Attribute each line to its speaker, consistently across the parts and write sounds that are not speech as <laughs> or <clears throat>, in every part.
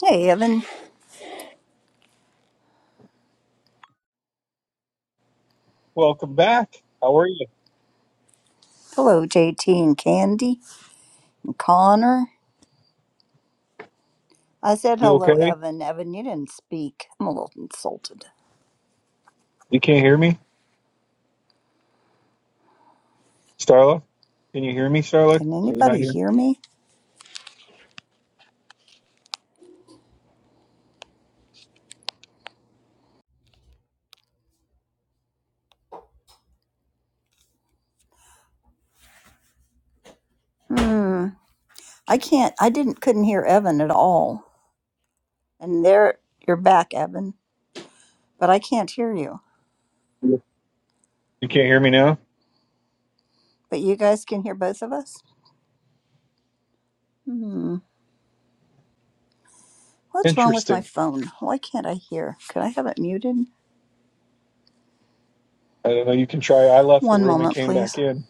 Speaker 1: Hey, Evan.
Speaker 2: Welcome back. How are you?
Speaker 1: Hello, JT and Candy and Connor. I said
Speaker 2: You
Speaker 1: hello,
Speaker 2: okay?
Speaker 1: Evan. Evan, you didn't speak. I'm a little insulted.
Speaker 2: You can't hear me, Starla? Can you hear me, Starla? Are
Speaker 1: Can
Speaker 2: you not
Speaker 1: anybody
Speaker 2: here?
Speaker 1: hear me? Hmm. I can't. I didn't. Couldn't hear Evan at all. And there, you're back, Evan. But I can't hear you.
Speaker 2: You can't hear me now?
Speaker 1: But you guys can hear both of us. Hmm. What's wrong with my
Speaker 2: Interesting.
Speaker 1: phone? Why can't I hear? Could I have it muted?
Speaker 2: I don't know. You can try. I left the
Speaker 1: One
Speaker 2: room and
Speaker 1: moment,
Speaker 2: came back
Speaker 1: please.
Speaker 2: in.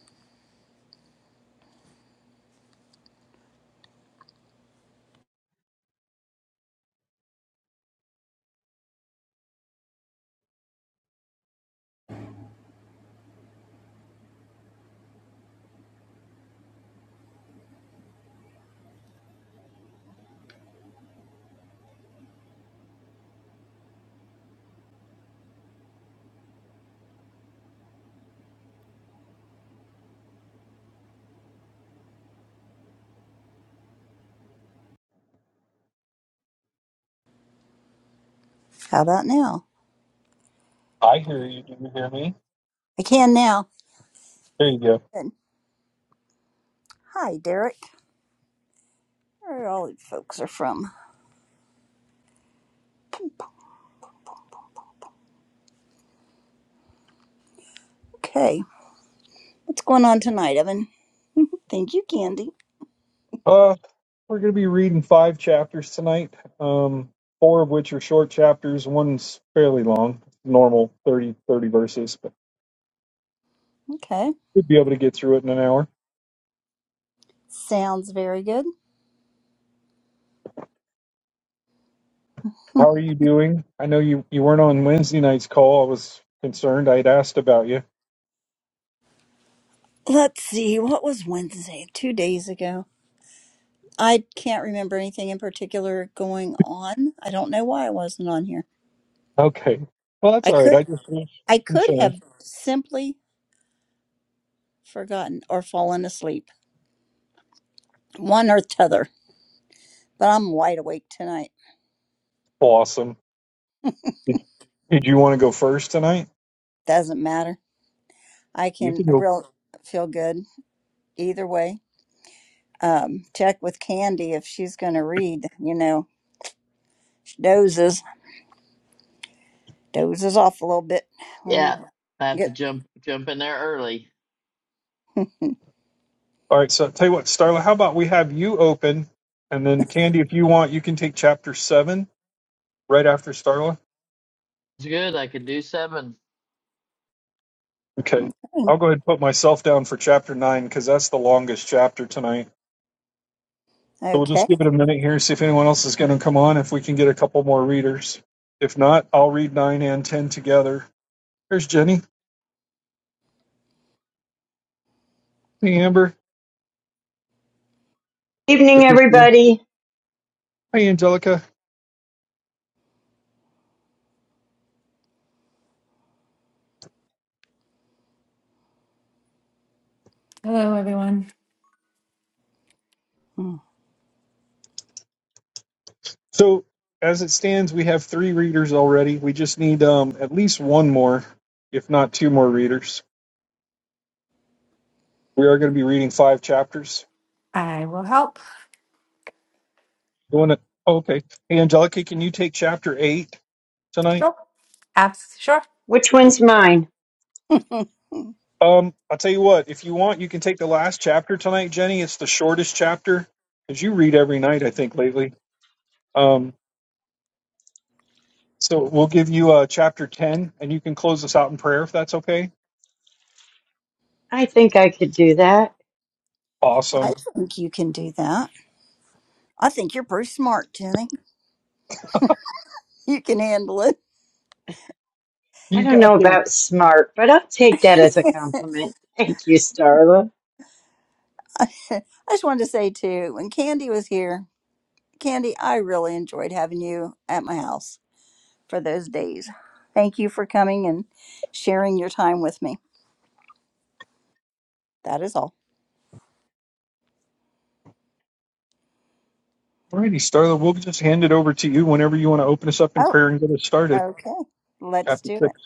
Speaker 1: How about now?
Speaker 2: I hear you. Do you hear me?
Speaker 1: I can now.
Speaker 2: There you go.
Speaker 1: Good. Hi, Derek. Where all you folks are from? Okay. What's going on tonight, Evan? Thank you, Candy.
Speaker 2: Uh, we're going to be reading five chapters tonight, um, four of which are short chapters. One's fairly long, normal 30 30 verses, but
Speaker 1: Okay.
Speaker 2: we'd be able to get through it in an hour.
Speaker 1: Sounds very good.
Speaker 2: How are you doing? I know you, you weren't on Wednesday night's call. I was concerned. I had asked about you.
Speaker 1: Let's see. What was Wednesday? Two days ago. I can't remember anything in particular going on. I don't know why I wasn't on here.
Speaker 2: Okay. Well, that's
Speaker 1: I
Speaker 2: all right.
Speaker 1: could
Speaker 2: I just was
Speaker 1: I could
Speaker 2: concerned.
Speaker 1: have simply forgotten or fallen asleep. One or t'other. But I'm wide awake tonight.
Speaker 2: Awesome. Did, did you want to go first tonight?
Speaker 1: Doesn't matter. I
Speaker 2: You
Speaker 1: can
Speaker 2: can go.
Speaker 1: real feel good either way. Um, check with Candy if she's gonna read, you know. She dozes, dozes off a little bit
Speaker 3: Yeah,
Speaker 1: when
Speaker 3: I have to
Speaker 1: get
Speaker 3: jump jump in there early.
Speaker 2: All right. So tell you what, Starla, how about we have you open, and then Candy, if you want, you can take chapter seven right after Starla.
Speaker 3: It's good. I can do seven.
Speaker 2: Okay. I'll go ahead and put myself down for chapter nine because that's the longest chapter tonight. So we'll just
Speaker 1: okay.
Speaker 2: give it a minute here, see if anyone else is going to come on, if we can get a couple more readers. If not, I'll read nine and ten together. There's Jenny. Hey, Amber.
Speaker 4: Evening,
Speaker 2: Good to see you.
Speaker 4: everybody.
Speaker 2: Hi, Angelica.
Speaker 5: Hello, everyone.
Speaker 1: Hmm.
Speaker 2: So as it stands, we have three readers already. We just need um, at least one more, if not two more readers. We are going to be reading five chapters.
Speaker 5: I will help.
Speaker 2: You want to? Oh, okay. Hey, Angelica, can you take chapter eight tonight?
Speaker 5: Sure. Abs- sure.
Speaker 4: Which one's mine?
Speaker 1: <laughs>
Speaker 2: Um, I'll tell you what. If you want, you can take the last chapter tonight, Jenny. It's the shortest chapter As you read every night, I think, lately. Um, so we'll give you uh, chapter ten, and you can close us out in prayer if that's okay.
Speaker 4: I think I could do that.
Speaker 1: I
Speaker 2: Awesome.
Speaker 1: think you can do that. I think you're pretty smart, Jenny. You can handle it.
Speaker 4: I
Speaker 2: You
Speaker 4: don't know
Speaker 2: got this.
Speaker 4: about smart, but I'll take that as a compliment. Thank you, Starla.
Speaker 1: <laughs> I just wanted to say too, when Candy was here, Candy, I really enjoyed having you at my house for those days. Thank you for coming and sharing your time with me. That is all.
Speaker 2: Alrighty, Starla, we'll just hand it over to you whenever you want to open us up in
Speaker 1: Oh,
Speaker 2: prayer and get us started.
Speaker 1: okay. Let's
Speaker 2: Chapter
Speaker 1: do it.
Speaker 2: six.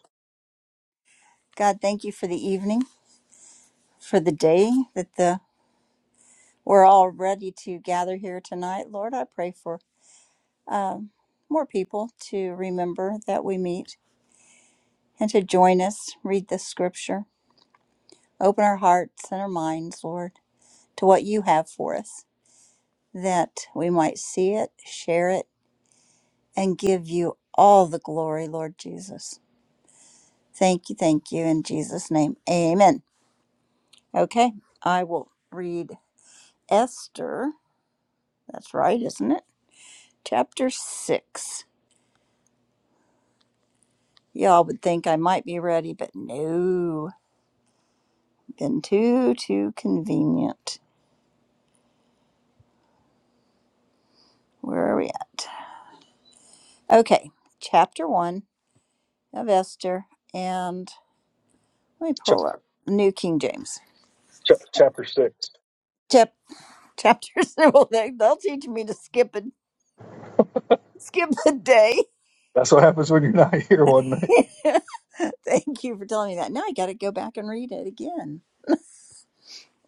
Speaker 1: God, thank you for the evening, for the day that the we're all ready to gather here tonight. Lord, I pray for um, more people to remember that we meet and to join us, read this scripture, open our hearts and our minds, Lord, to what you have for us, that we might see it, share it, and give you all the glory, Lord Jesus. Thank you, thank you, in Jesus' name. Amen. Okay, I will read Esther. That's right, isn't it? Chapter 6. Y'all would think I might be ready, but no, been too, too convenient. Where are we at? Okay, chapter one of Esther, and let me
Speaker 2: Ch-
Speaker 1: pull up New King James.
Speaker 2: ch- chapter six.
Speaker 1: Chap- chapter <laughs> well, they, they'll teach me to skip a skip a day.
Speaker 2: That's what happens when you're not here one night.
Speaker 1: <laughs> Thank you for telling me that. Now I got to go back and read it again.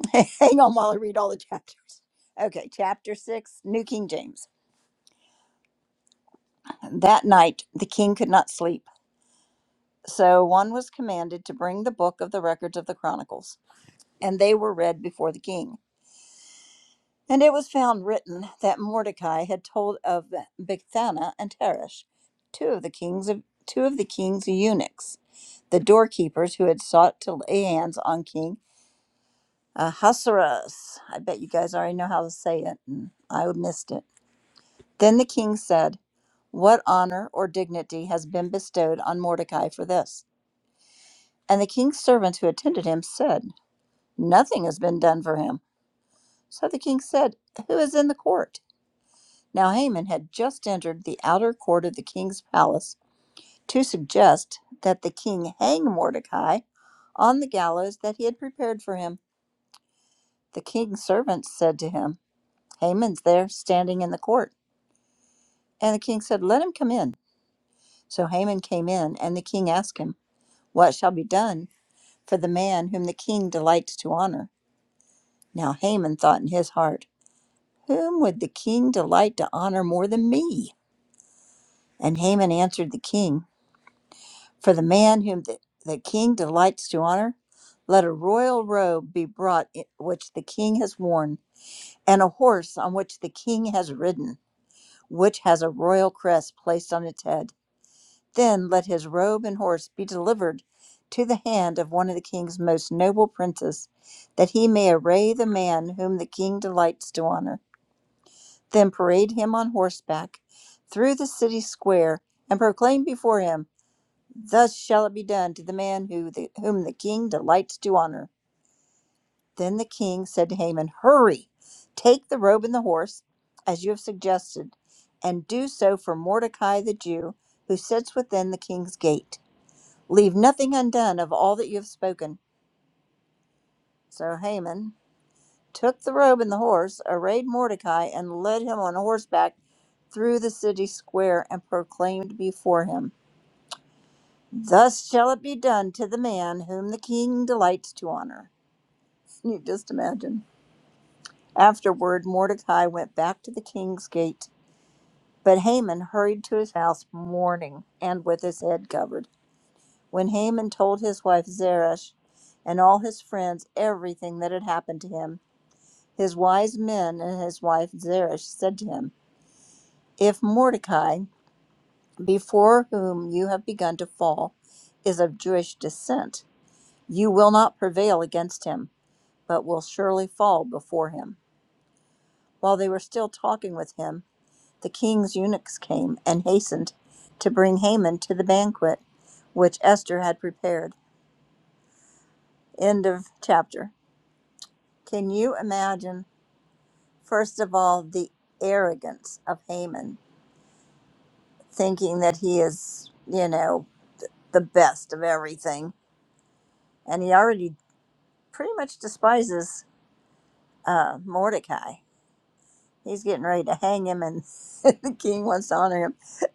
Speaker 1: <laughs> Hang on while I read all the chapters. Okay, chapter six, New King James. That night the king could not sleep. So one was commanded to bring the book of the records of the Chronicles, and they were read before the king. And it was found written that Mordecai had told of Bigthana and Teresh, two of the kings of two of the king's eunuchs, the doorkeepers who had sought to lay hands on King Ahasuerus. I bet you guys already know how to say it, and I missed it. Then the king said, "What honor or dignity has been bestowed on Mordecai for this?" And the king's servants who attended him said. Nothing has been done for him. So the king said, Who is in the court? Now Haman had just entered the outer court of the king's palace to suggest that the king hang Mordecai on the gallows that he had prepared for him. The king's servants said to him, Haman's there, standing in the court. And the king said, Let him come in. So Haman came in, and the king asked him, What shall be done for the man whom the king delights to honor? Now Haman thought in his heart, Whom would the king delight to honor more than me? And Haman answered the king, For the man whom the, the king delights to honor, let a royal robe be brought i- which the king has worn, and a horse on which the king has ridden, which has a royal crest placed on its head. Then let his robe and horse be delivered to the hand of one of the king's most noble princes, that he may array the man whom the king delights to honor. then parade him on horseback through the city square and proclaim before him, Thus shall it be done to the man who the, whom the king delights to honor. Then the king said to Haman, Hurry, take the robe and the horse, as you have suggested, and do so for Mordecai the Jew, who sits within the king's gate. Leave nothing undone of all that you have spoken. So Haman took the robe and the horse, arrayed Mordecai, and led him on horseback through the city square, and proclaimed before him, Thus shall it be done to the man whom the king delights to honor. <laughs> Can you just imagine? Afterward, Mordecai went back to the king's gate, but Haman hurried to his house mourning and with his head covered. When Haman told his wife Zeresh and all his friends everything that had happened to him, his wise men and his wife Zeresh said to him, If Mordecai, before whom you have begun to fall, is of Jewish descent, you will not prevail against him, but will surely fall before him. While they were still talking with him, the king's eunuchs came and hastened to bring Haman to the banquet which Esther had prepared. End of chapter. Can you imagine, first of all, the arrogance of Haman, thinking that he is, you know, the best of everything? And he already pretty much despises uh, Mordecai. He's getting ready to hang him, and <laughs> the king wants to honor him.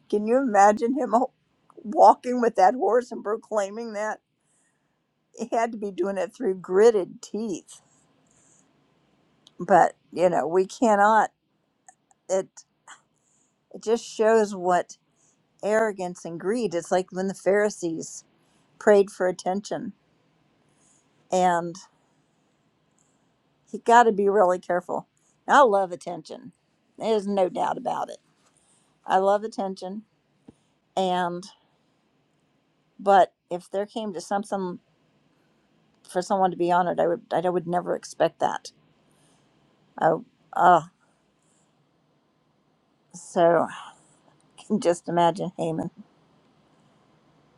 Speaker 1: Can you imagine him ho- walking with that horse and proclaiming that? He had to be doing it through gritted teeth. But, you know, we cannot. It, it just shows what arrogance and greed. It's like when the Pharisees prayed for attention, and you got to be really careful. I love attention. There's no doubt about it. I love attention. And but if there came to something for someone to be honored, I would I would never expect that. I, uh, so <laughs> I can just imagine Haman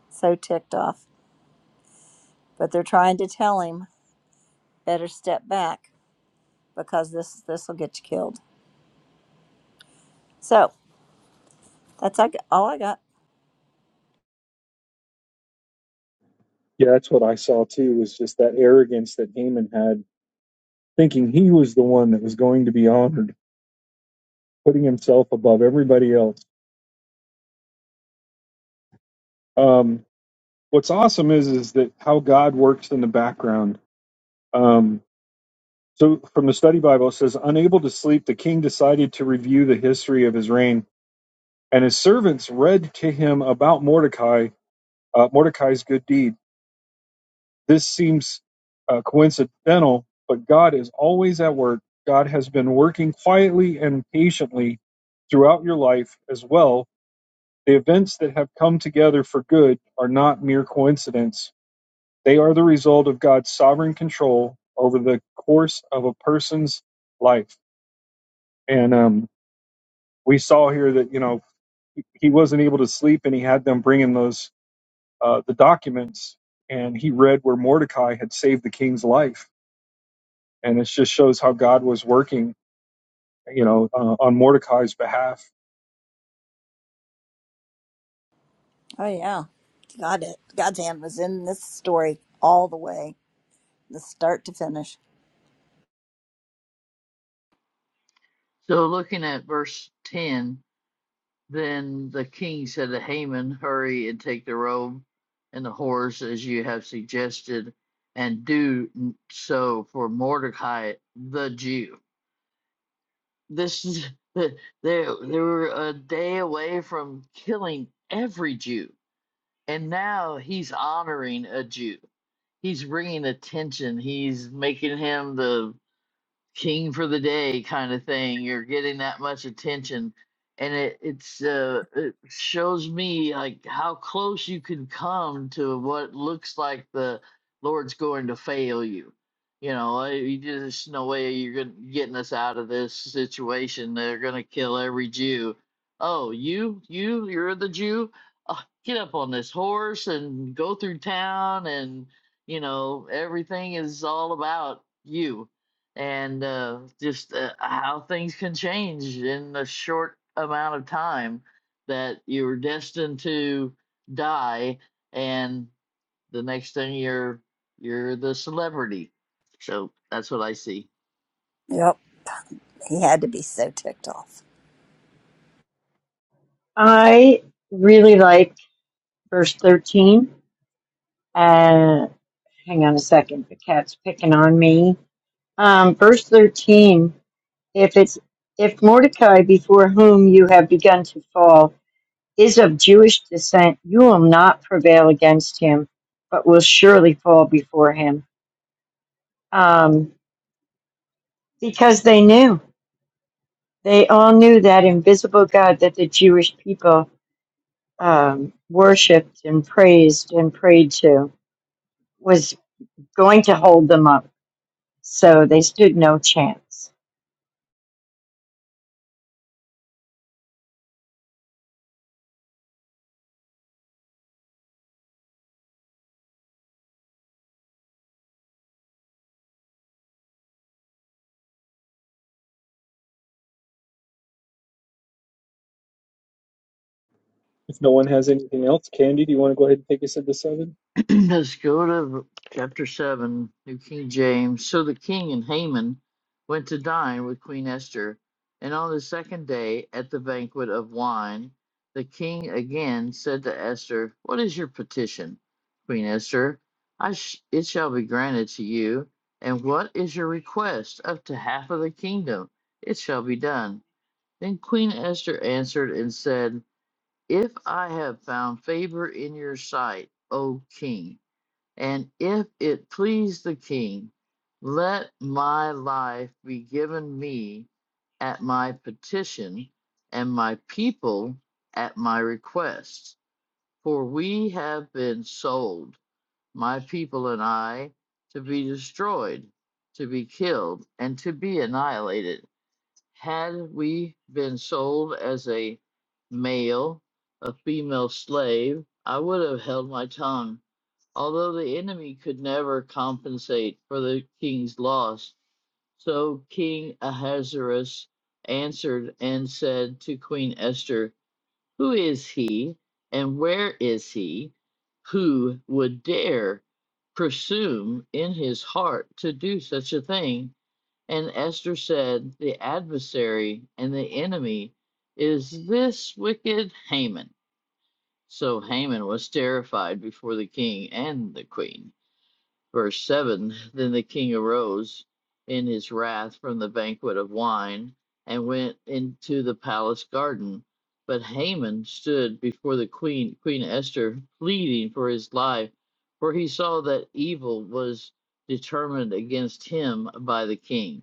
Speaker 1: so ticked off. But they're trying to tell him better step back because this this will get you killed. So that's I g- all I got.
Speaker 2: Yeah, that's what I saw too. Was just that arrogance that Haman had, thinking he was the one that was going to be honored, putting himself above everybody else. Um, what's awesome is is that how God works in the background. Um, so from the study Bible it says, unable to sleep, the king decided to review the history of his reign And his servants read to him about Mordecai, uh, Mordecai's good deed. This seems uh, coincidental, but God is always at work. God has been working quietly and patiently throughout your life as well. The events that have come together for good are not mere coincidence. They are the result of God's sovereign control over the course of a person's life. And um, we saw here that, you know, he he wasn't able to sleep and he had them bringing those uh, the documents and he read where Mordecai had saved the king's life. And it just shows how God was working, you know, uh, on Mordecai's behalf.
Speaker 1: Oh yeah, God it God's hand was in this story all the way, the start to finish.
Speaker 3: So looking at verse ten, then the king said to Haman, "Hurry and take the robe and the horse as you have suggested, and do n- so for Mordecai the Jew." This is <laughs> they they were a day away from killing every Jew, and now he's honoring a Jew. He's bringing attention. He's making him the king for the day kind of thing. You're getting that much attention, and it it's uh, it shows me like how close you can come to what looks like the Lord's going to fail you. You know, uh, you just no way you're going getting us out of this situation. They're gonna kill every Jew. Oh, you, you, you're the Jew. Uh, get up on this horse and go through town and you know everything is all about you and uh, just uh, how things can change in the short amount of time that you are destined to die, and the next thing you're you're the celebrity. So that's what I see.
Speaker 1: Yep, he had to be so ticked off.
Speaker 4: I really like verse 13. Uh, hang on a second. The cat's picking on me. Um, verse 13. If it's, if Mordecai before whom you have begun to fall is of Jewish descent, you will not prevail against him, but will surely fall before him. Um, because they knew they all knew that invisible god that the jewish people um, worshipped and praised and prayed to was going to hold them up so they stood no chance
Speaker 2: If no one has anything else, Candy, do you want to go ahead and take us into seven?
Speaker 3: <clears throat> Let's go to chapter 7, New King James. So the king and Haman went to dine with Queen Esther, and on the second day at the banquet of wine, the king again said to Esther, What is your petition, Queen Esther? I sh- it shall be granted to you. And what is your request? Up to half of the kingdom. It shall be done. Then Queen Esther answered and said, If I have found favor in your sight, O king, and if it please the king, let my life be given me at my petition, and my people at my request. For we have been sold, my people and I, to be destroyed, to be killed, and to be annihilated. Had we been sold as a male, a female slave, I would have held my tongue although the enemy could never compensate for the king's loss. So King Ahasuerus answered and said to Queen Esther, Who is he and where is he who would dare presume in his heart to do such a thing? And Esther said, The adversary and the enemy is this wicked Haman. So Haman was terrified before the king and the queen. Verse 7 Then the king arose in his wrath from the banquet of wine and went into the palace garden. But Haman stood before the queen, Queen Esther, pleading for his life, for he saw that evil was determined against him by the king.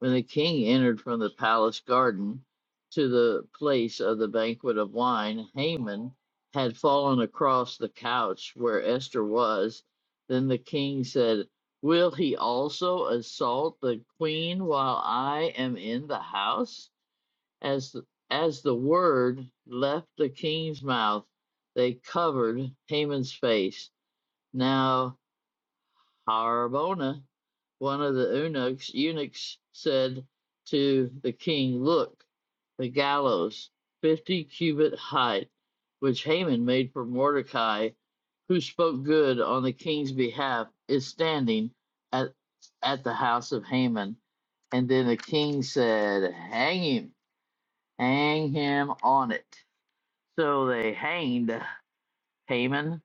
Speaker 3: When the king entered from the palace garden to the place of the banquet of wine, Haman had fallen across the couch where Esther was. Then the king said, Will he also assault the queen while I am in the house? As, the, as the word left the king's mouth, they covered Haman's face. Now Harbona, one of the eunuchs, eunuchs said to the king, Look, the gallows, 50 cubit height, which Haman made for Mordecai, who spoke good on the king's behalf, is standing at, at the house of Haman. And then the king said, Hang him, hang him on it. So they hanged Haman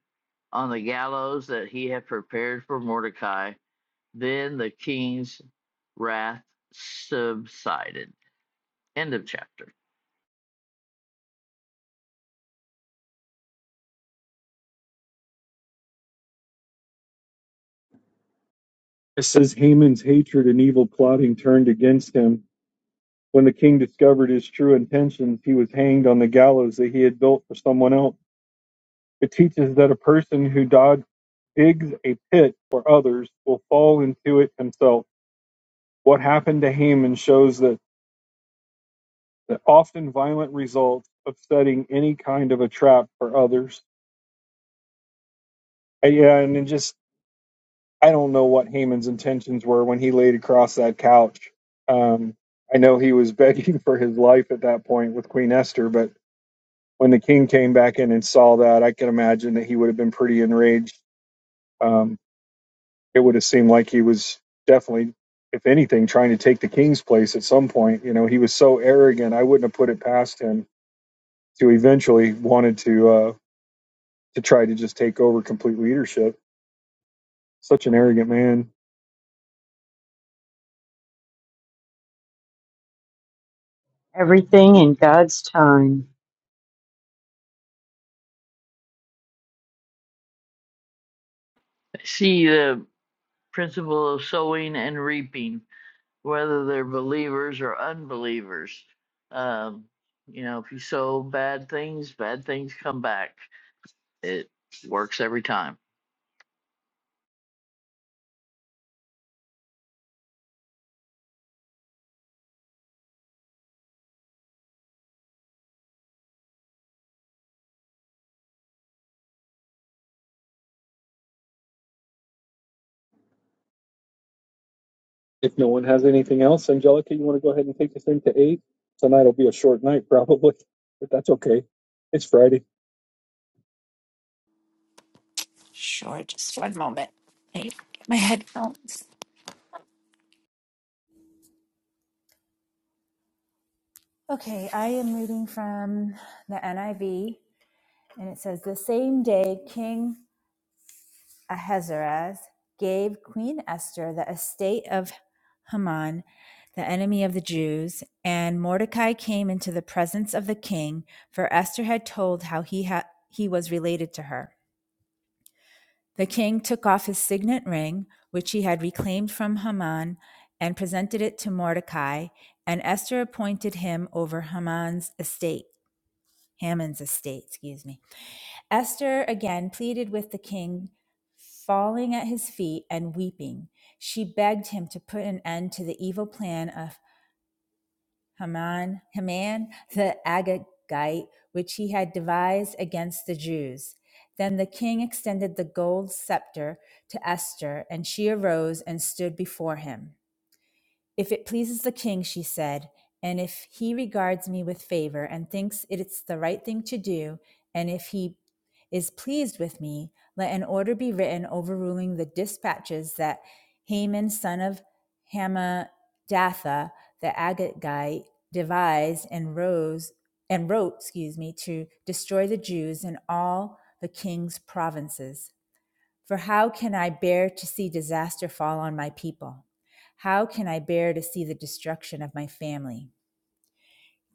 Speaker 3: on the gallows that he had prepared for Mordecai. Then the king's wrath subsided. End of chapter.
Speaker 2: It says Haman's hatred and evil plotting turned against him. When the king discovered his true intentions, he was hanged on the gallows that he had built for someone else. It teaches that a person who dog, digs a pit for others will fall into it himself. What happened to Haman shows that the often violent results of setting any kind of a trap for others. And, yeah, and it just I don't know what Haman's intentions were when he laid across that couch. Um, I know he was <laughs> begging for his life at that point with Queen Esther, but when the king came back in and saw that, I can imagine that he would have been pretty enraged. Um, it would have seemed like he was definitely, if anything, trying to take the king's place at some point. You know, he was so arrogant. I wouldn't have put it past him to eventually wanted to uh, to try to just take over complete leadership. Such an arrogant man.
Speaker 4: everything in god's time
Speaker 3: See the principle of sowing and reaping, whether they're believers or unbelievers. Um, you know, if you sow bad things, bad things come back. It works every time.
Speaker 2: If no one has anything else, Angelica, you want to go ahead and take us into eight? Tonight will be a short night, <laughs> probably, but that's okay. It's Friday.
Speaker 5: Sure. Just one moment. I need to get my headphones. Okay, I am reading from the NIV, and it says The same day King Ahasuerus gave Queen Esther the estate of Haman, the enemy of the Jews, and Mordecai came into the presence of the king, for Esther had told how he, ha- he was related to her. The king took off his signet ring, which he had reclaimed from Haman, and presented it to Mordecai, and Esther appointed him over Haman's estate, Haman's estate, excuse me. Esther again pleaded with the king, falling at his feet and weeping. She begged him to put an end to the evil plan of. Haman, Haman the Agagite, which he had devised against the Jews. Then the king extended the gold scepter to Esther, and she arose and stood before him. If it pleases the king, she said, and if he regards me with favor and thinks it's the right thing to do, and if he is pleased with me, let an order be written overruling the dispatches that Haman, son of Hammedatha, the Agagite, devised and rose and wrote, excuse me, to destroy the Jews in all the king's provinces. For how can I bear to see disaster fall on my people? How can I bear to see the destruction of my family?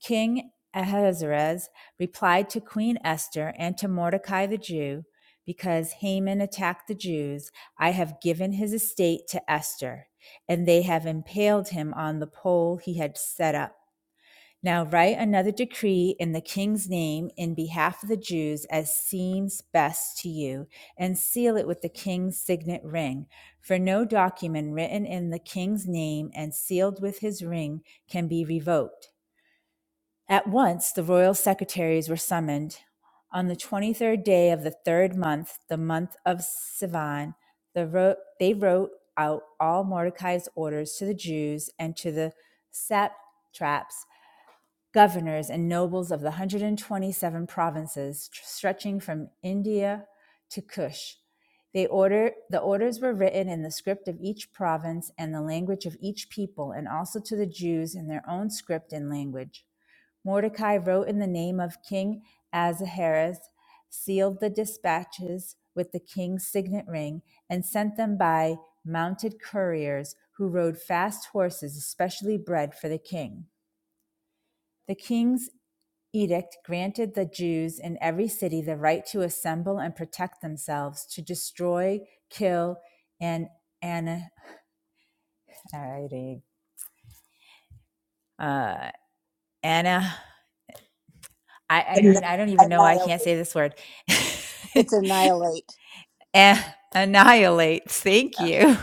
Speaker 5: King Ahasuerus replied to Queen Esther and to Mordecai the Jew, because Haman attacked the Jews, I have given his estate to Esther, and they have impaled him on the pole he had set up. Now write another decree in the king's name in behalf of the Jews as seems best to you, and seal it with the king's signet ring. For no document written in the king's name and sealed with his ring can be revoked. At once the royal secretaries were summoned. On the 23rd day of the third month, the month of Sivan, the ro- they wrote out all Mordecai's orders to the Jews and to the satraps governors and nobles of the 127 provinces stretching from India to Kush. They order, the orders were written in the script of each province and the language of each people, and also to the Jews in their own script and language. Mordecai wrote in the name of King Ahasuerus, sealed the dispatches with the king's signet ring, and sent them by mounted couriers who rode fast horses, especially bred for the king. The king's edict granted the Jews in every city the right to assemble and protect themselves, to destroy, kill, and anna, uh, anna. I, I
Speaker 1: Anni-
Speaker 5: mean, I don't even know why I can't
Speaker 1: Annihilate.
Speaker 5: say this word. <laughs>
Speaker 1: It's annihilate.
Speaker 5: An- annihilate. Thank you.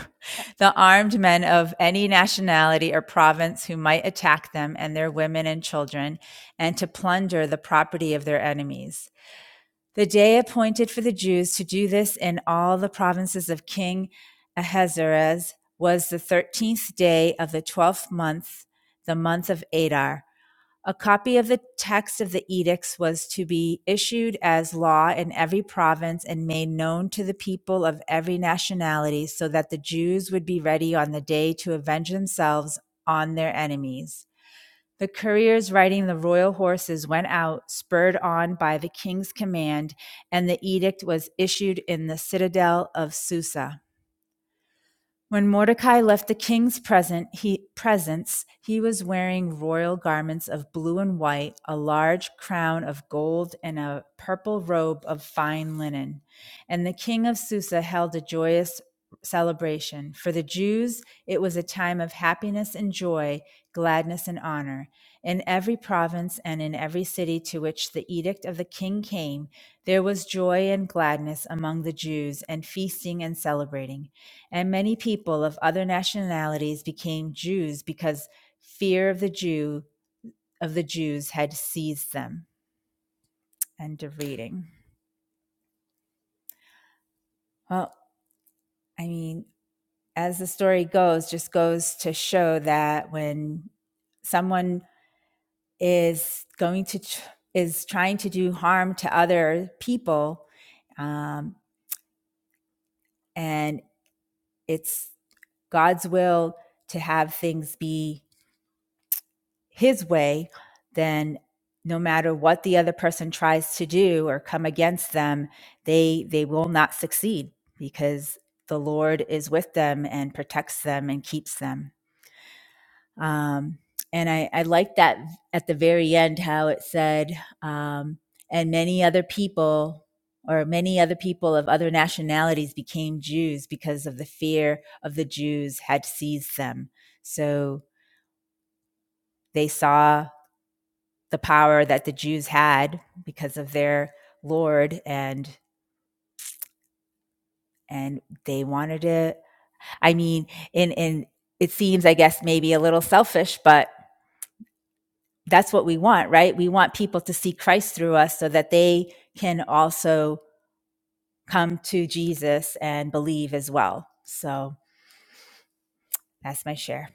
Speaker 5: The armed men of any nationality or province who might attack them and their women and children, and to plunder the property of their enemies. the day appointed for the Jews to do this in all the provinces of King Ahasuerus was the thirteenth day of the twelfth month, the month of Adar. A copy of the text of the edicts was to be issued as law in every province and made known to the people of every nationality, so that the Jews would be ready on the day to avenge themselves on their enemies. The couriers riding the royal horses went out, spurred on by the king's command, and the edict was issued in the citadel of Susa. When Mordecai left the king's present, he, presence, he was wearing royal garments of blue and white, a large crown of gold, and a purple robe of fine linen. And the king of Susa held a joyous celebration. For the Jews, it was a time of happiness and joy, gladness and honor. In every province and in every city to which the edict of the king came, there was joy and gladness among the Jews, and feasting and celebrating. And many people of other nationalities became Jews because fear of the Jew of the Jews had seized them. End of reading. Well, I mean, as the story goes, just goes to show that when someone is going to is trying to do harm to other people, um, and it's God's will to have things be his way, then no matter what the other person tries to do or come against them, they they will not succeed because the Lord is with them and protects them and keeps them. Um, and I, I like that at the very end how it said, um, and many other people or many other people of other nationalities became Jews because of the fear of the Jews had seized them. So they saw the power that the Jews had because of their Lord and and they wanted it. I mean, in in it seems I guess maybe a little selfish, but that's what we want, right? We want people to see Christ through us so that they can also come to Jesus and believe as well. So that's my share.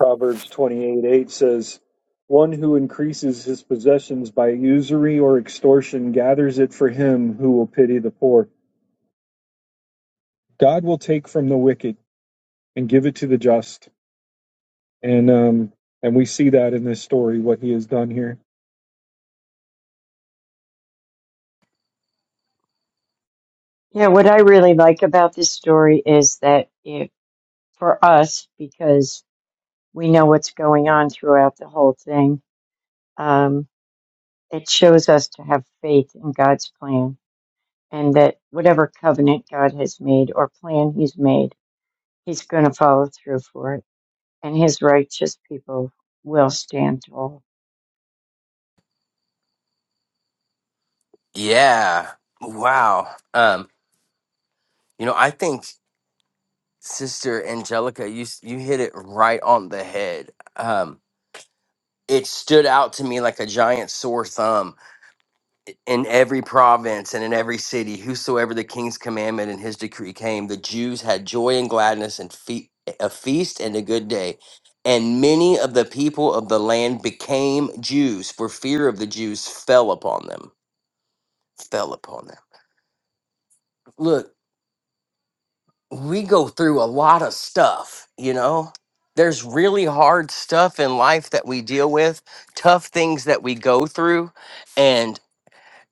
Speaker 2: Proverbs 28 8 says, One who increases his possessions by usury or extortion gathers it for him who will pity the poor. God will take from the wicked and give it to the just, and um, and we see that in this story what He has done here.
Speaker 4: yeah what i really like about this story is that it for us because we know what's going on throughout the whole thing um, it shows us to have faith in god's plan and that whatever covenant God has made or plan He's made, He's going to follow through for it, and His righteous people will stand tall.
Speaker 6: Yeah. Wow. Um, you know, I think Sister Angelica, you s- you hit it right on the head. Um, it stood out to me like a giant sore thumb in every province and in every city. Whosoever the king's commandment and his decree came, the Jews had joy and gladness and fe- a feast and a good day. And many of the people of the land became Jews, for fear of the Jews fell upon them. Fell upon them. Look, we go through a lot of stuff, you know? There's really hard stuff in life that we deal with, tough things that we go through and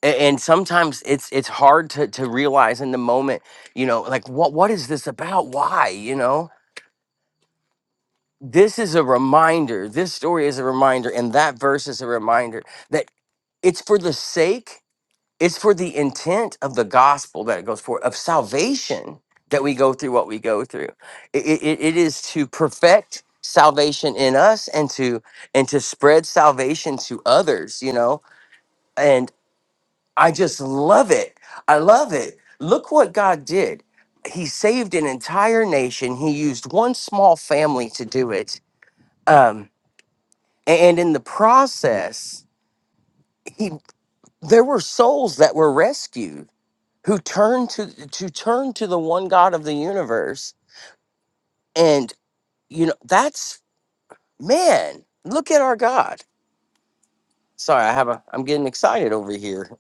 Speaker 6: a- and sometimes it's it's hard to to realize in the moment, you know, like what what is this about? Why, you know? This is a reminder. This story is a reminder and that verse is a reminder that it's for the sake it's for the intent of the gospel that it goes for, of salvation that we go through what we go through. It, it, it is to perfect salvation in us and to and to spread salvation to others, you know. And I just love it. I love it. Look what God did. He saved an entire nation. He used one small family to do it. Um, and in the process, he there were souls that were rescued who turn to to turn to the one God of the universe. And you know, that's man, look at our God. Sorry, I have a I'm getting excited over here.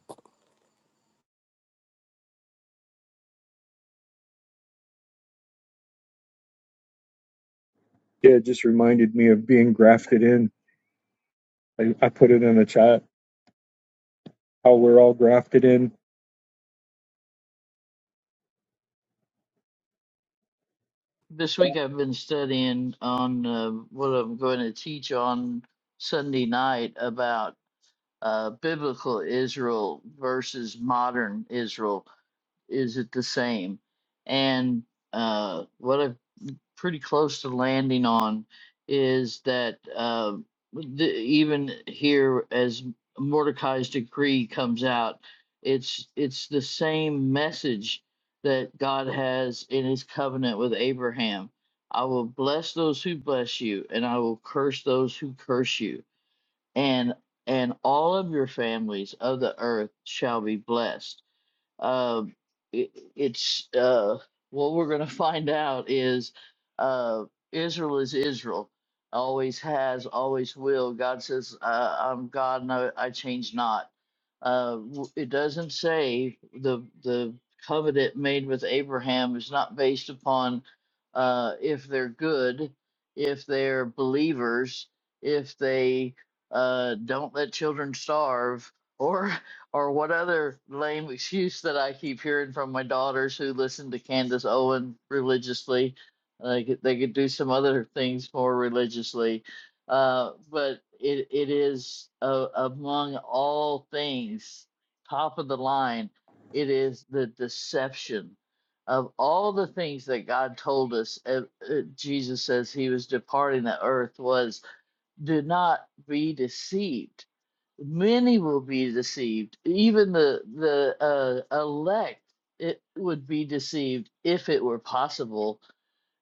Speaker 2: Yeah, it just reminded me of being grafted in. I, I put it in the chat how we're all grafted in.
Speaker 3: This week I've been studying on uh, what I'm going to teach on Sunday night about uh, biblical Israel versus modern Israel is it the same? And uh, what I'm pretty close to landing on is that uh, the, even here, as Mordecai's decree comes out, it's it's the same message that God has in His covenant with Abraham. I will bless those who bless you, and I will curse those who curse you, and and all of your families of the earth shall be blessed um, it, it's uh, what we're going to <laughs> find out is uh, Israel is Israel, always has, always will. God says, uh, "I'm God, and I, I change not." Uh, w- it doesn't say the the covenant made with Abraham is not based upon uh, if they're good, if they're believers, if they uh, don't let children starve, or or what other lame excuse that I keep hearing from my daughters who listen to Candace Owen religiously. They could, they could do some other things more religiously uh, but it it is uh, among all things top of the line. It is the deception of all the things that God told us. Uh, uh, Jesus says he was departing the earth was do not be deceived. Many will be deceived. Even the the uh, elect it would be deceived if it were possible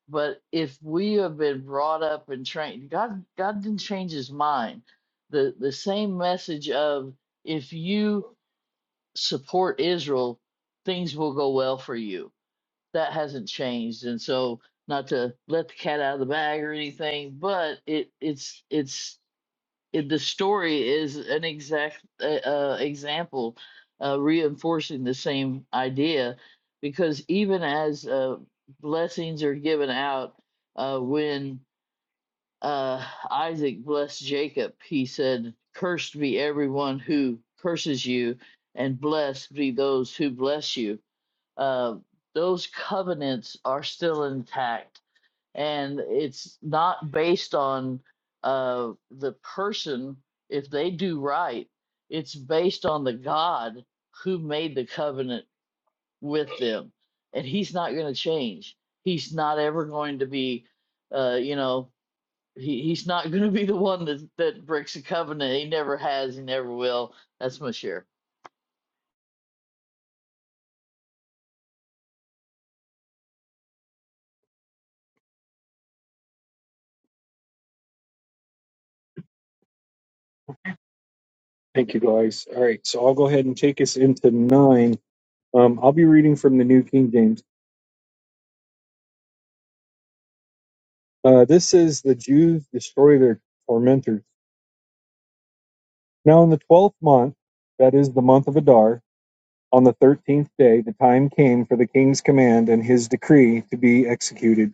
Speaker 3: but if we have been brought up and trained, God God didn't change his mind. The the same message of if you support Israel, things will go well for you. That hasn't changed. And so not to let the cat out of the bag or anything, but it it's it's it- the story is an exact uh, uh, example uh, reinforcing the same idea because even as uh, blessings are given out uh, when uh, isaac blessed jacob he said cursed be everyone who curses you and blessed be those who bless you uh, those covenants are still intact and it's not based on uh, the person if they do right it's based on the god who made the covenant with them and he's not going to change he's not ever going to be uh, you know he, he's not <laughs> going to be the one that, that breaks a covenant he never has he never will that's my share
Speaker 2: Thank you guys. All right, so I'll go ahead and take us into nine. Um, I'll be reading from the New King James. Uh, this says the Jews destroy their tormentors. Now in the twelfth month, that is the month of Adar, on the thirteenth day, the time came for the king's command and his decree to be executed.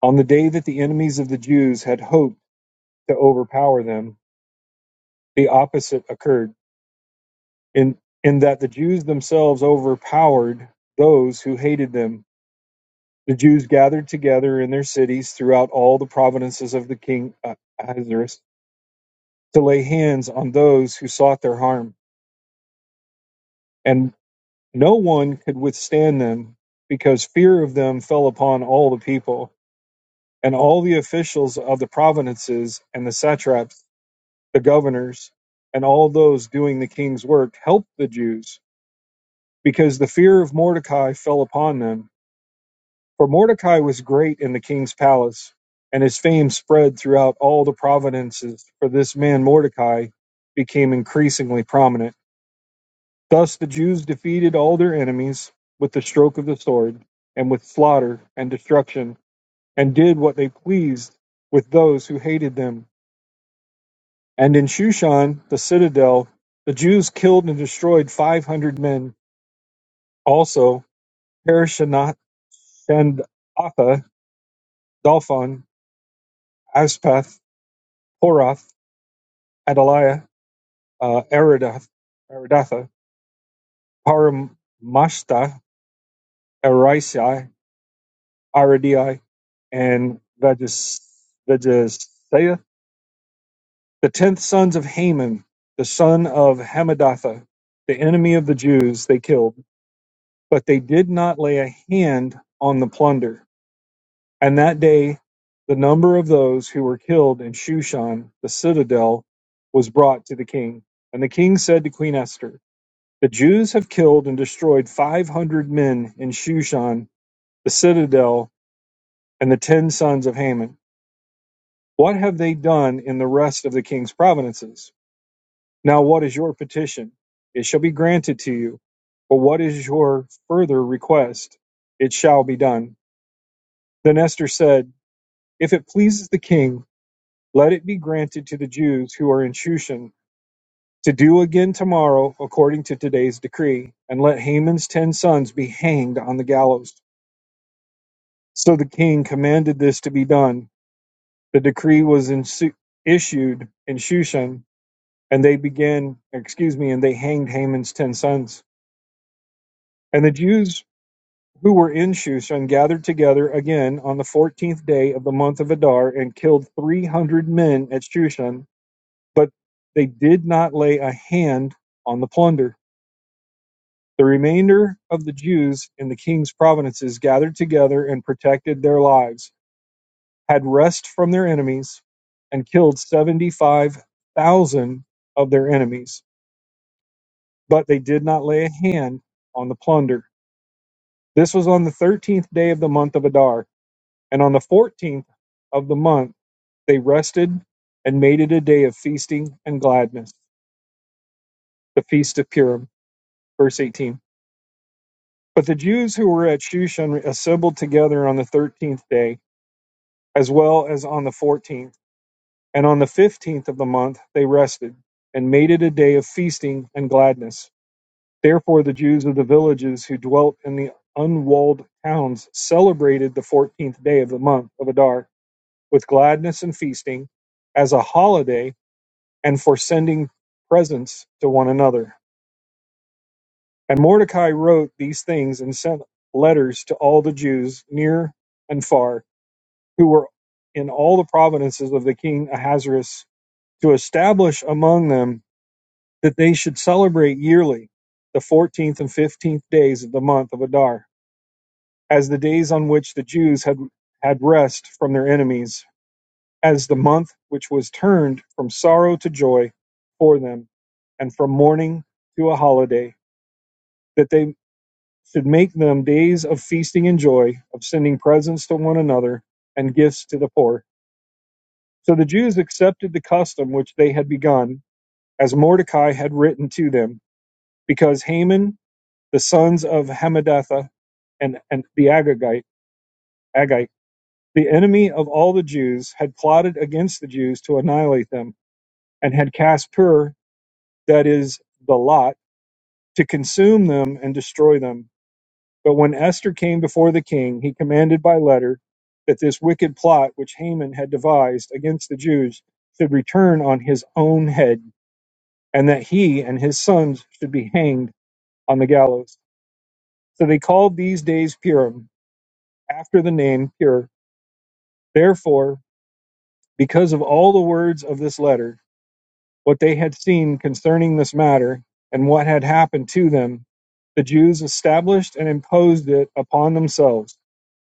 Speaker 2: On the day that the enemies of the Jews had hoped to overpower them, the opposite occurred, in, in that the Jews themselves overpowered those who hated them. The Jews gathered together in their cities throughout all the provinces of the king uh, Ahasuerus to lay hands on those who sought their harm, and no one could withstand them because fear of them fell upon all the people. And all the officials of the provinces and the satraps the governors, and all those doing the king's work helped the Jews, because the fear of Mordecai fell upon them. For Mordecai was great in the king's palace, and his fame spread throughout all the provinces, for this man Mordecai became increasingly prominent. Thus the Jews defeated all their enemies with the stroke of the sword, and with slaughter and destruction, and did what they pleased with those who hated them And in Shushan, the citadel, the Jews killed and destroyed five hundred men. Also, Harishanah, Shandatha, Dalphon, Aspath, Horath, Adaliah, uh, Aridath, Aridatha, Paramashta, Arisai, Aridai, and Veges- the tenth sons of Haman, the son of Hamadatha, the enemy of the Jews, they killed, but they did not lay a hand on the plunder And that day the number of those who were killed in Shushan, the citadel, was brought to the king. And the king said to Queen Esther, The Jews have killed and destroyed 500 men in Shushan, the citadel, and the ten sons of Haman. What have they done in the rest of the king's provinces? Now, what is your petition? It shall be granted to you. But what is your further request? It shall be done. Then Esther said, If it pleases the king, Let it be granted to the Jews who are in Shushan to do again tomorrow according to today's decree, and let Haman's ten sons be hanged on the gallows. So the king commanded this to be done. The decree was in, su- issued in Shushan, and they began, excuse me, and they hanged Haman's ten sons. And the Jews who were in Shushan gathered together again on the fourteenth day of the month of Adar and killed three hundred men at Shushan but they did not lay a hand on the plunder. The remainder of the Jews in the king's provinces gathered together and protected their lives, had rest from their enemies, and killed 75,000 of their enemies, but they did not lay a hand on the plunder. This was on the 13th day of the month of Adar, and on the 14th of the month they rested and made it a day of feasting and gladness, the feast of Purim. Verse 18. But the Jews who were at Shushan assembled together on the thirteenth day, as well as on the fourteenth, and on the fifteenth of the month they rested, and made it a day of feasting and gladness. Therefore the Jews of the villages who dwelt in the unwalled towns celebrated the fourteenth day of the month of Adar with gladness and feasting, as a holiday, and for sending presents to one another. And Mordecai wrote these things and sent letters to all the Jews near and far who were in all the provinces of the king Ahasuerus, to establish among them that they should celebrate yearly the 14th and 15th days of the month of Adar, as the days on which the Jews had, had rest from their enemies, as the month which was turned from sorrow to joy for them, and from mourning to a holiday, that they should make them days of feasting and joy, of sending presents to one another and gifts to the poor So the Jews accepted the custom which they had begun, as Mordecai had written to them, because Haman, the sons of Hammedatha, and, and the Agagite, Agite, the enemy of all the Jews, had plotted against the Jews to annihilate them, and had cast Pur, that is, the lot, to consume them and destroy them. But when Esther came before the king, he commanded by letter that this wicked plot which Haman had devised against the Jews should return on his own head and that he and his sons should be hanged on the gallows. So they called these days Purim, after the name Pur. Therefore, because of all the words of this letter, what they had seen concerning this matter, and what had happened to them, the Jews established and imposed it upon themselves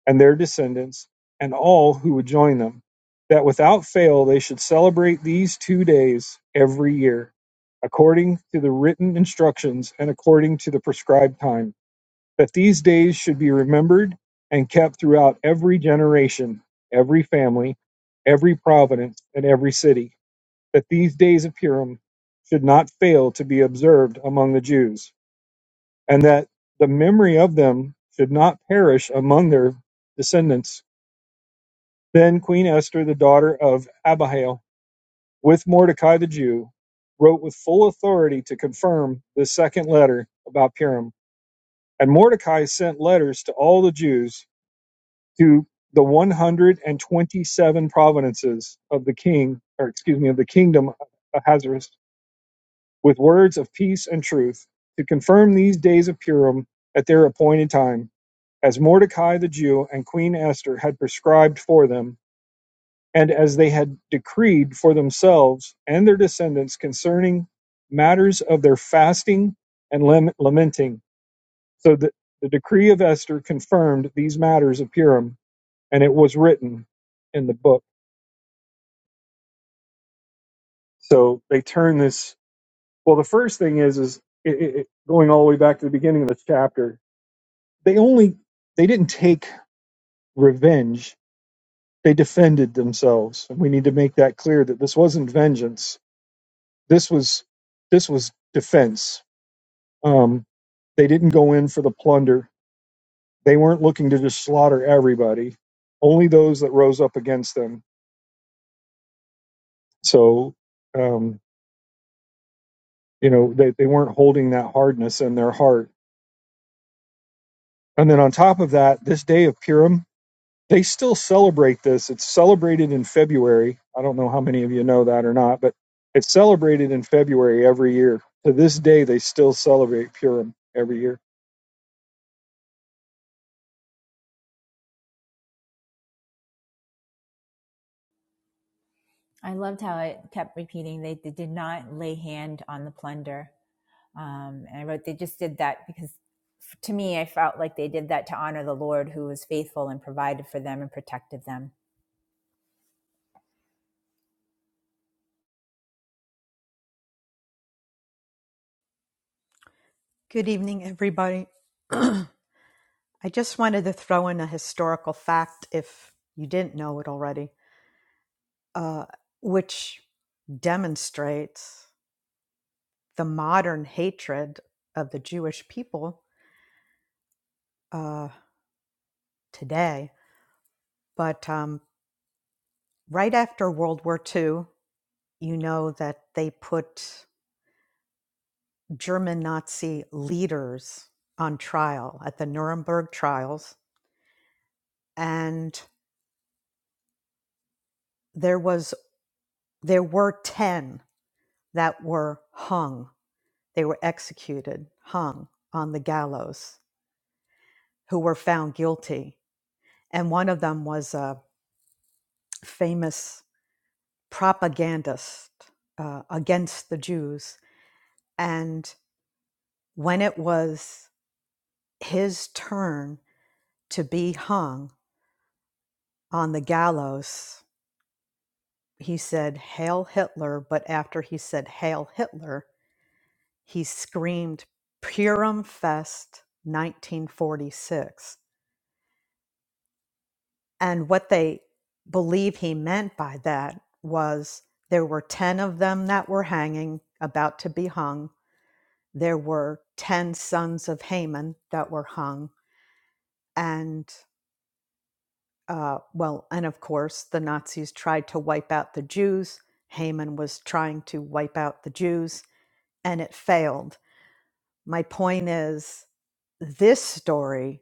Speaker 2: and their descendants, and all who would join them, that without fail they should celebrate these two days every year, according to the written instructions and according to the prescribed time, that these days should be remembered and kept throughout every generation, every family, every province, and every city, that these days of Purim should not fail to be observed among the Jews, and that the memory of them should not perish among their descendants then Queen Esther, the daughter of Abihail, with Mordecai the Jew, wrote with full authority to confirm the second letter about Purim. And Mordecai sent letters to all the Jews to the 127 provinces of the king, or excuse me, of the kingdom of Ahasuerus, with words of peace and truth to confirm these days of Purim at their appointed time, as Mordecai the Jew and Queen Esther had prescribed for them and as they had decreed for themselves and their descendants concerning matters of their fasting and lamenting. So the, the decree of Esther confirmed these matters of Purim, and it was written in the book. So they turn this. Well, the first thing is is it, it- going all the way back to the beginning of this chapter. They only they didn't take revenge. They defended themselves. And we need to make that clear that this wasn't vengeance. This was this was defense Um, they didn't go in for the plunder. They weren't looking to just slaughter everybody, only those that rose up against them. So, um, you know, they, they weren't holding that hardness in their heart. And then on top of that, this day of Purim, they still celebrate this. It's celebrated in February. I don't know how many of you know that or not, but it's celebrated in February every year. To this day, they still celebrate Purim every year.
Speaker 5: I loved how it kept repeating they, they did not lay hand on the plunder. Um, and I wrote, they just did that because to me, I felt like they did that to honor the Lord who was faithful and provided for them and protected them.
Speaker 7: Good evening, everybody. <clears throat> I just wanted to throw in a historical fact if you didn't know it already, uh, which demonstrates the modern hatred of the Jewish people uh, today. But um, right after World War II, you know that they put German Nazi leaders on trial at the Nuremberg trials, and there was there were ten that were hung. They were executed, hung on the gallows, who were found guilty. And one of them was a famous propagandist uh, against the Jews. And when it was his turn to be hung on the gallows, he said, Hail Hitler. But after he said, Hail Hitler, he screamed, Purim Fest 1946 And what they believe he meant by that was there were 10 of them that were hanging, about to be hung. There were 10 sons of Haman that were hung. And, uh, well, and of course, the Nazis tried to wipe out the Jews. Haman was trying to wipe out the Jews, and it failed. My point is, this story,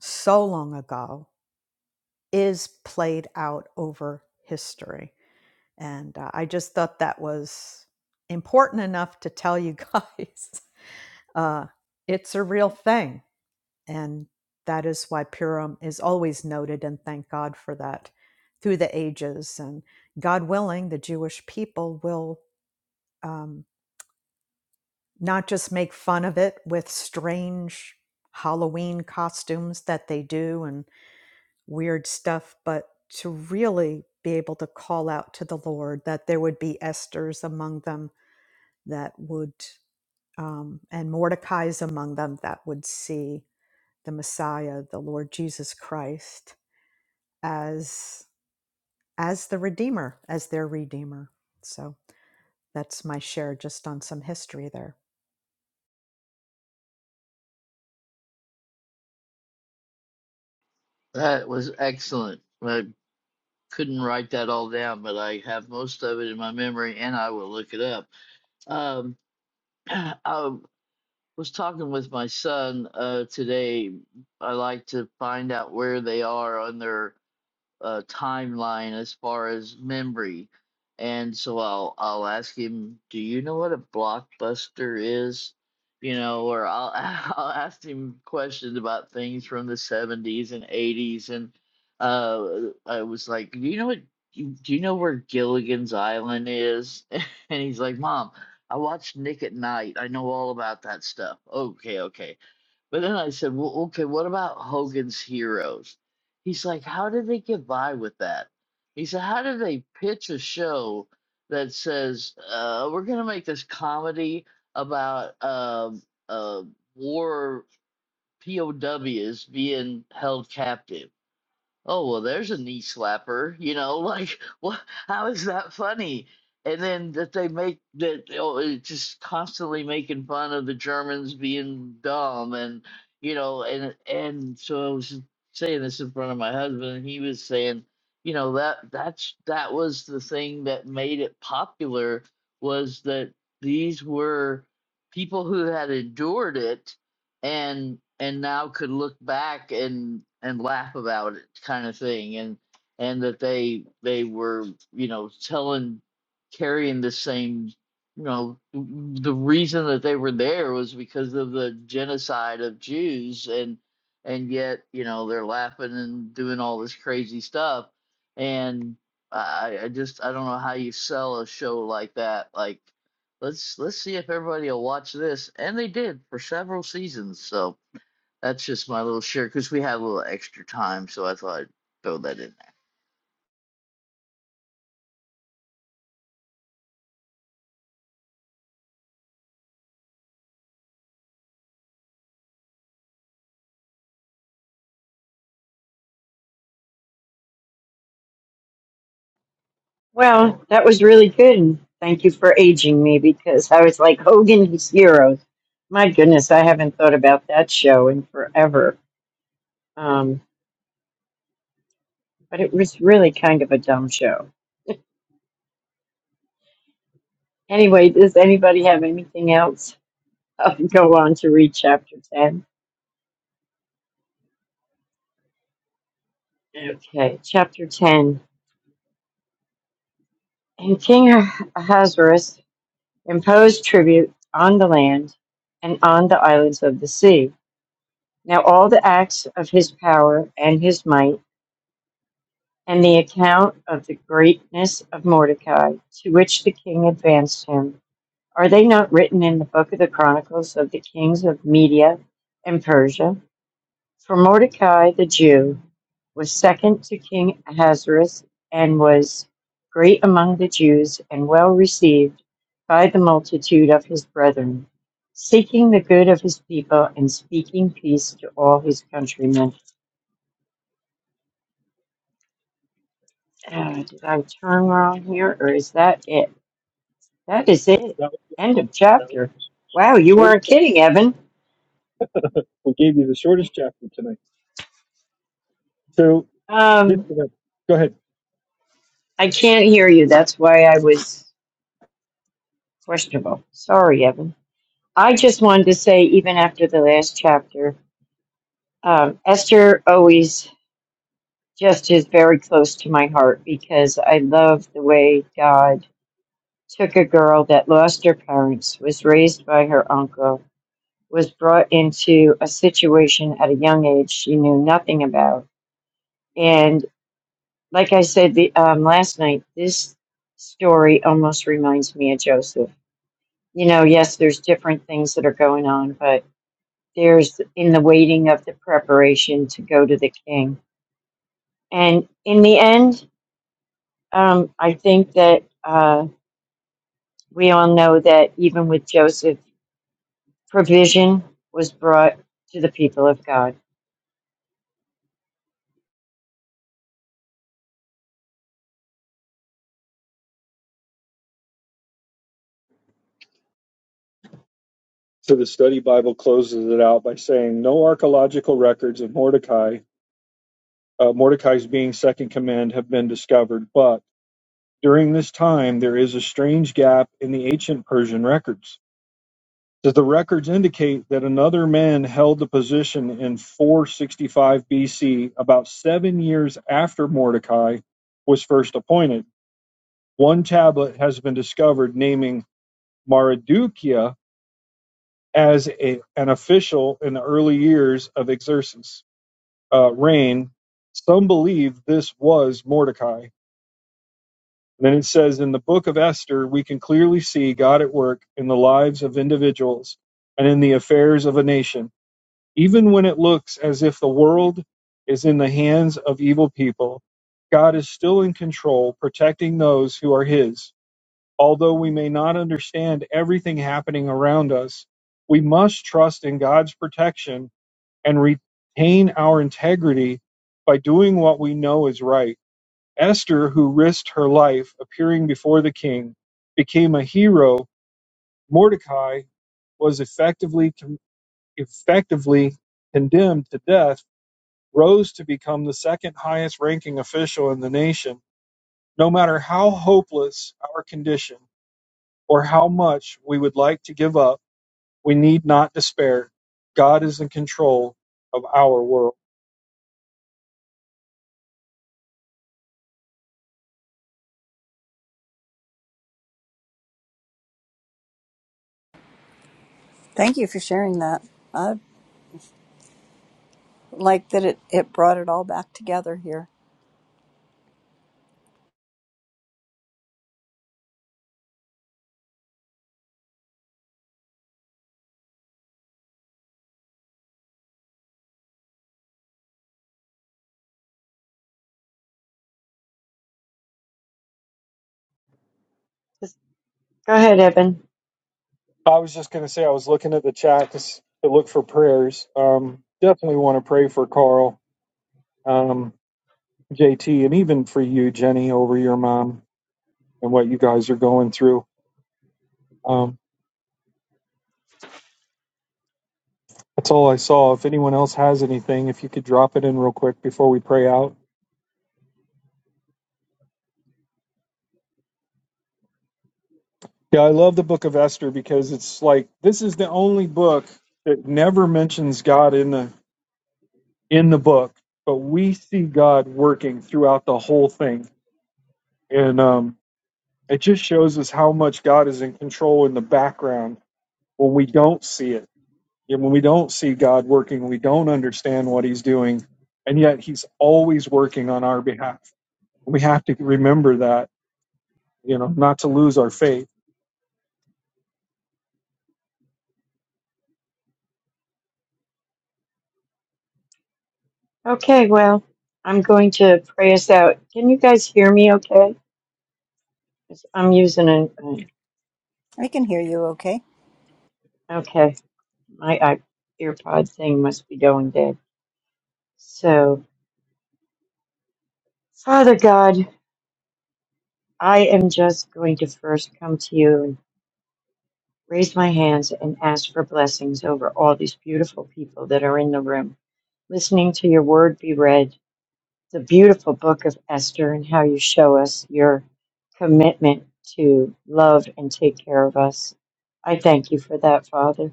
Speaker 7: so long ago, is played out over history And uh, I just thought that was important enough to tell you <laughs> guys. Uh, it's a real thing. And that is why Purim is always noted. And thank God for that through the ages. And God willing, the Jewish people will um, not just make fun of it with strange Halloween costumes that they do and weird stuff, but to really be able to call out to the Lord that there would be Esther's among them that would, um, and Mordecai is among them, that would see the Messiah, the Lord Jesus Christ, as as the Redeemer, as their Redeemer. So that's my share just on some history there.
Speaker 3: that was excellent i couldn't write that all down but i have most of it in my memory and i will look it up Um, <clears throat> I was talking with my son uh, today. I like to find out where they are on their uh, timeline as far as memory. And so I'll I'll ask him, "Do you know what a blockbuster is?" You know, or I'll <laughs> I'll ask him questions about things from the 70s and 80s and uh I was like, "Do you know what do you know where Gilligan's Island is?" <laughs> And he's like, "Mom, I watched Nick at Night. I know all about that stuff." Okay, okay. But then I said, well, okay, what about Hogan's Heroes? He's like, how did they get by with that? He said, how did they pitch a show that says, uh, we're going to make this comedy about um uh, war POWs being held captive? Oh, well, there's a knee slapper, you know, <laughs> like what how is that funny? And then that they make that oh, it's just constantly making fun of the Germans being dumb and you know, and and so I was saying this in front of my husband and he was saying, you know, that that's that was the thing that made it popular was that these were people who had endured it and and now could look back and and laugh about it kind of thing and and that they they were you know telling carrying the same you know the reason that they were there was because of the genocide of Jews and and yet you know they're laughing and doing all this crazy stuff and I I just I don't know how you sell a show like that like let's let's see if everybody will watch this and they did for several seasons so that's just my little share because we had a little extra time so i thought i'd throw that in
Speaker 4: Well, that was really good, and thank you for aging me because I was like Hogan's Heroes. My goodness, I haven't thought about that show in forever. Um, but it was really kind of a dumb show. Anyway, does anybody have anything else? I'll go on to read chapter 10. Okay, chapter 10. And King Ahasuerus imposed tribute on the land and on the islands of the sea. Now all the acts of his power and his might, and the account of the greatness of Mordecai, to which the king advanced him, are they not written in the book of the chronicles of the kings of Media and Persia? For Mordecai the Jew was second to King Ahasuerus and was great among the Jews and well received by the multitude of his brethren, seeking the good of his people and speaking peace to all his countrymen. Uh, did I turn wrong here, or is that it? That is it.
Speaker 2: That was,
Speaker 4: End of
Speaker 2: that was
Speaker 4: chapter.
Speaker 2: the
Speaker 4: Wow, you
Speaker 2: shortest.
Speaker 4: weren't
Speaker 2: chapter.
Speaker 4: kidding, Evan.
Speaker 2: We gave you the shortest chapter tonight. So Just
Speaker 4: Um,
Speaker 2: for that- Go ahead.
Speaker 4: I can't hear you. That's why I was questionable. Sorry, Evan. I just wanted to say, even after the last chapter, Um, Esther always just is very close to my heart because I love the way God took a girl that lost her parents, was raised by her uncle, was brought into a situation at a young age she knew nothing about. And like I said the, um, last night, this story almost reminds me of Joseph. You know, yes, there's different things that are going on, but there's in the waiting of the preparation to go to the king. And in the end, Um, I think that uh, we all know that even with Joseph, provision was brought to the people of God.
Speaker 2: So the study Bible closes it out by saying, "No archaeological records of Mordecai, uh, Mordecai's being second command, have been discovered, but during this time there is a strange gap in the ancient Persian records. Does the records indicate that another man held the position in 465 BC, about seven years after Mordecai was first appointed? One tablet has been discovered naming Mardukia." as a, an official in the early years of Xerxes' uh, reign. Some believe this was Mordecai. Then it says in the book of Esther, we can clearly see God at work in the lives of individuals and in the affairs of a nation, even when it looks as if the world is in the hands of evil people. God is still in control, protecting those who are His. Although we may not understand everything happening around us, we must trust in God's protection and retain our integrity by doing what we know is right. Esther, who risked her life appearing before the king, became a hero. Mordecai was effectively effectively condemned to death, rose to become the second highest ranking official in the nation. No matter how hopeless our condition or how much we would like to give up, we need not despair. God is in control of our world.
Speaker 1: Thank you for sharing that. I like that it, it brought it all back together here.
Speaker 4: Just- Go ahead, Evan.
Speaker 2: I was just going to say I was looking at the chat to, s- to look for prayers. Um, definitely want to pray for Carl, um, JT, and even for you, Jenny, over your mom and what you guys are going through. Um, that's all I saw. If anyone else has anything, if you could drop it in real quick before we pray out. Yeah, I love the book of Esther because it's like this is the only book that never mentions God in the in the book, but we see God working throughout the whole thing. And um, It just shows us how much God is in control in the background when we don't see it. And when we don't see God working, we don't understand what He's doing. And yet He's always working on our behalf. We have to remember that, you know, not to lose our faith.
Speaker 4: Okay, well, I'm going to pray us out. Can you guys hear me okay? 'Cause I'm using an, an-
Speaker 1: I can hear you okay.
Speaker 4: okay, my I, earpod thing must be going dead. So, Father God, I am just going to first come to you and raise my hands and ask for blessings over all these beautiful people that are in the room. listening to your word be read, the beautiful book of Esther, and how you show us your commitment to love and take care of us. I thank you for that, Father.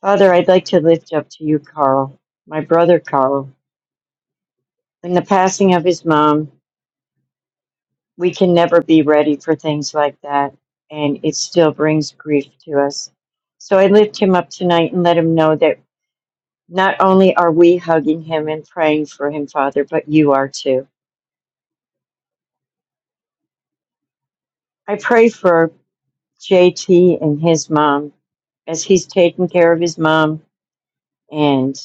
Speaker 4: Father, I'd like to lift up to you, Carl, my brother Carl. In the passing of his mom, we can never be ready for things like that, and it still brings grief to us. So I lift him up tonight and let him know that not only are we hugging him and praying for him, Father, but you are too. I pray for JT and his mom as he's taking care of his mom and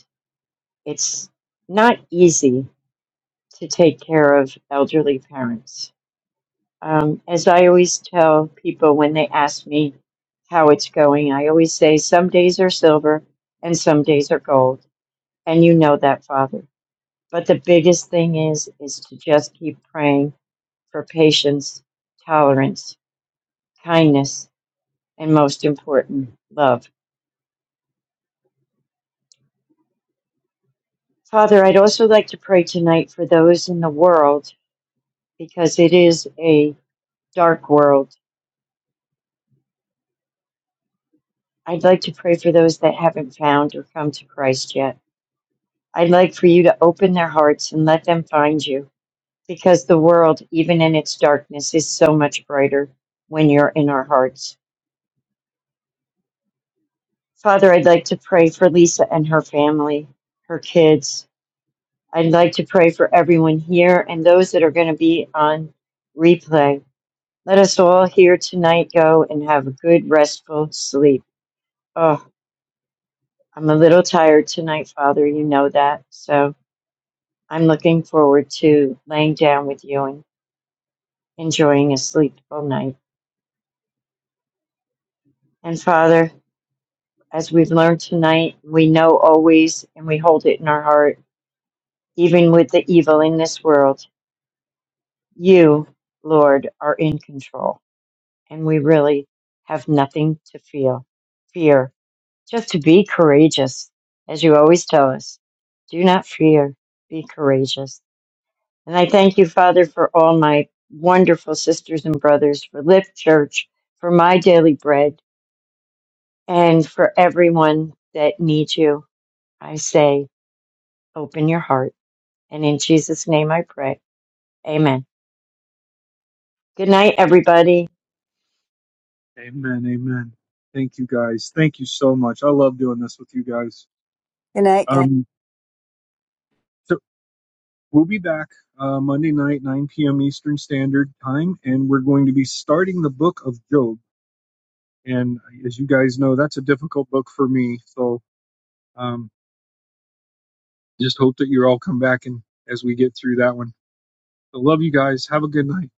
Speaker 4: it's not easy to take care of elderly parents. Um, as I always tell people when they ask me how it's going, I always say some days are silver and some days are gold. And you know that, Father. But the biggest thing is, is to just keep praying for patience, tolerance, kindness, and most important, love Father, I'd also like to pray tonight for those in the world because it is a dark world. I'd like to pray for those that haven't found or come to Christ yet. I'd like for you to open their hearts and let them find you because the world, even in its darkness, is so much brighter when you're in our hearts. Father, I'd like to pray for Lisa and her family, her kids. I'd like to pray for everyone here and those that are going to be on replay. Let us all here tonight go and have a good, restful sleep. Oh, I'm a little tired tonight, Father. You know that. So I'm looking forward to laying down with you and enjoying a sleepful night. And Father, as we've learned tonight, we know always and we hold it in our heart, even with the evil in this world, you, Lord, are in control. And we really have nothing to feel, fear Just to be courageous, as you always tell us. Do not fear, be courageous. And I thank you, Father, for all my wonderful sisters and brothers, for Lift Church, for my daily bread, and for everyone that needs you. I say, open your heart. And in Jesus' name I pray. Amen. Good night, everybody.
Speaker 2: Amen. Amen. Thank you guys. Thank you so much. I love doing this with you guys.
Speaker 1: Good night, guys.
Speaker 2: Um, so we'll be back uh, Monday night, 9 p.m. Eastern Standard Time, and we're going to be starting the book of Job. and as you guys know, that's a difficult book for me. So um, just hope that you all come back and as we get through that one. I love you guys. Have a good night.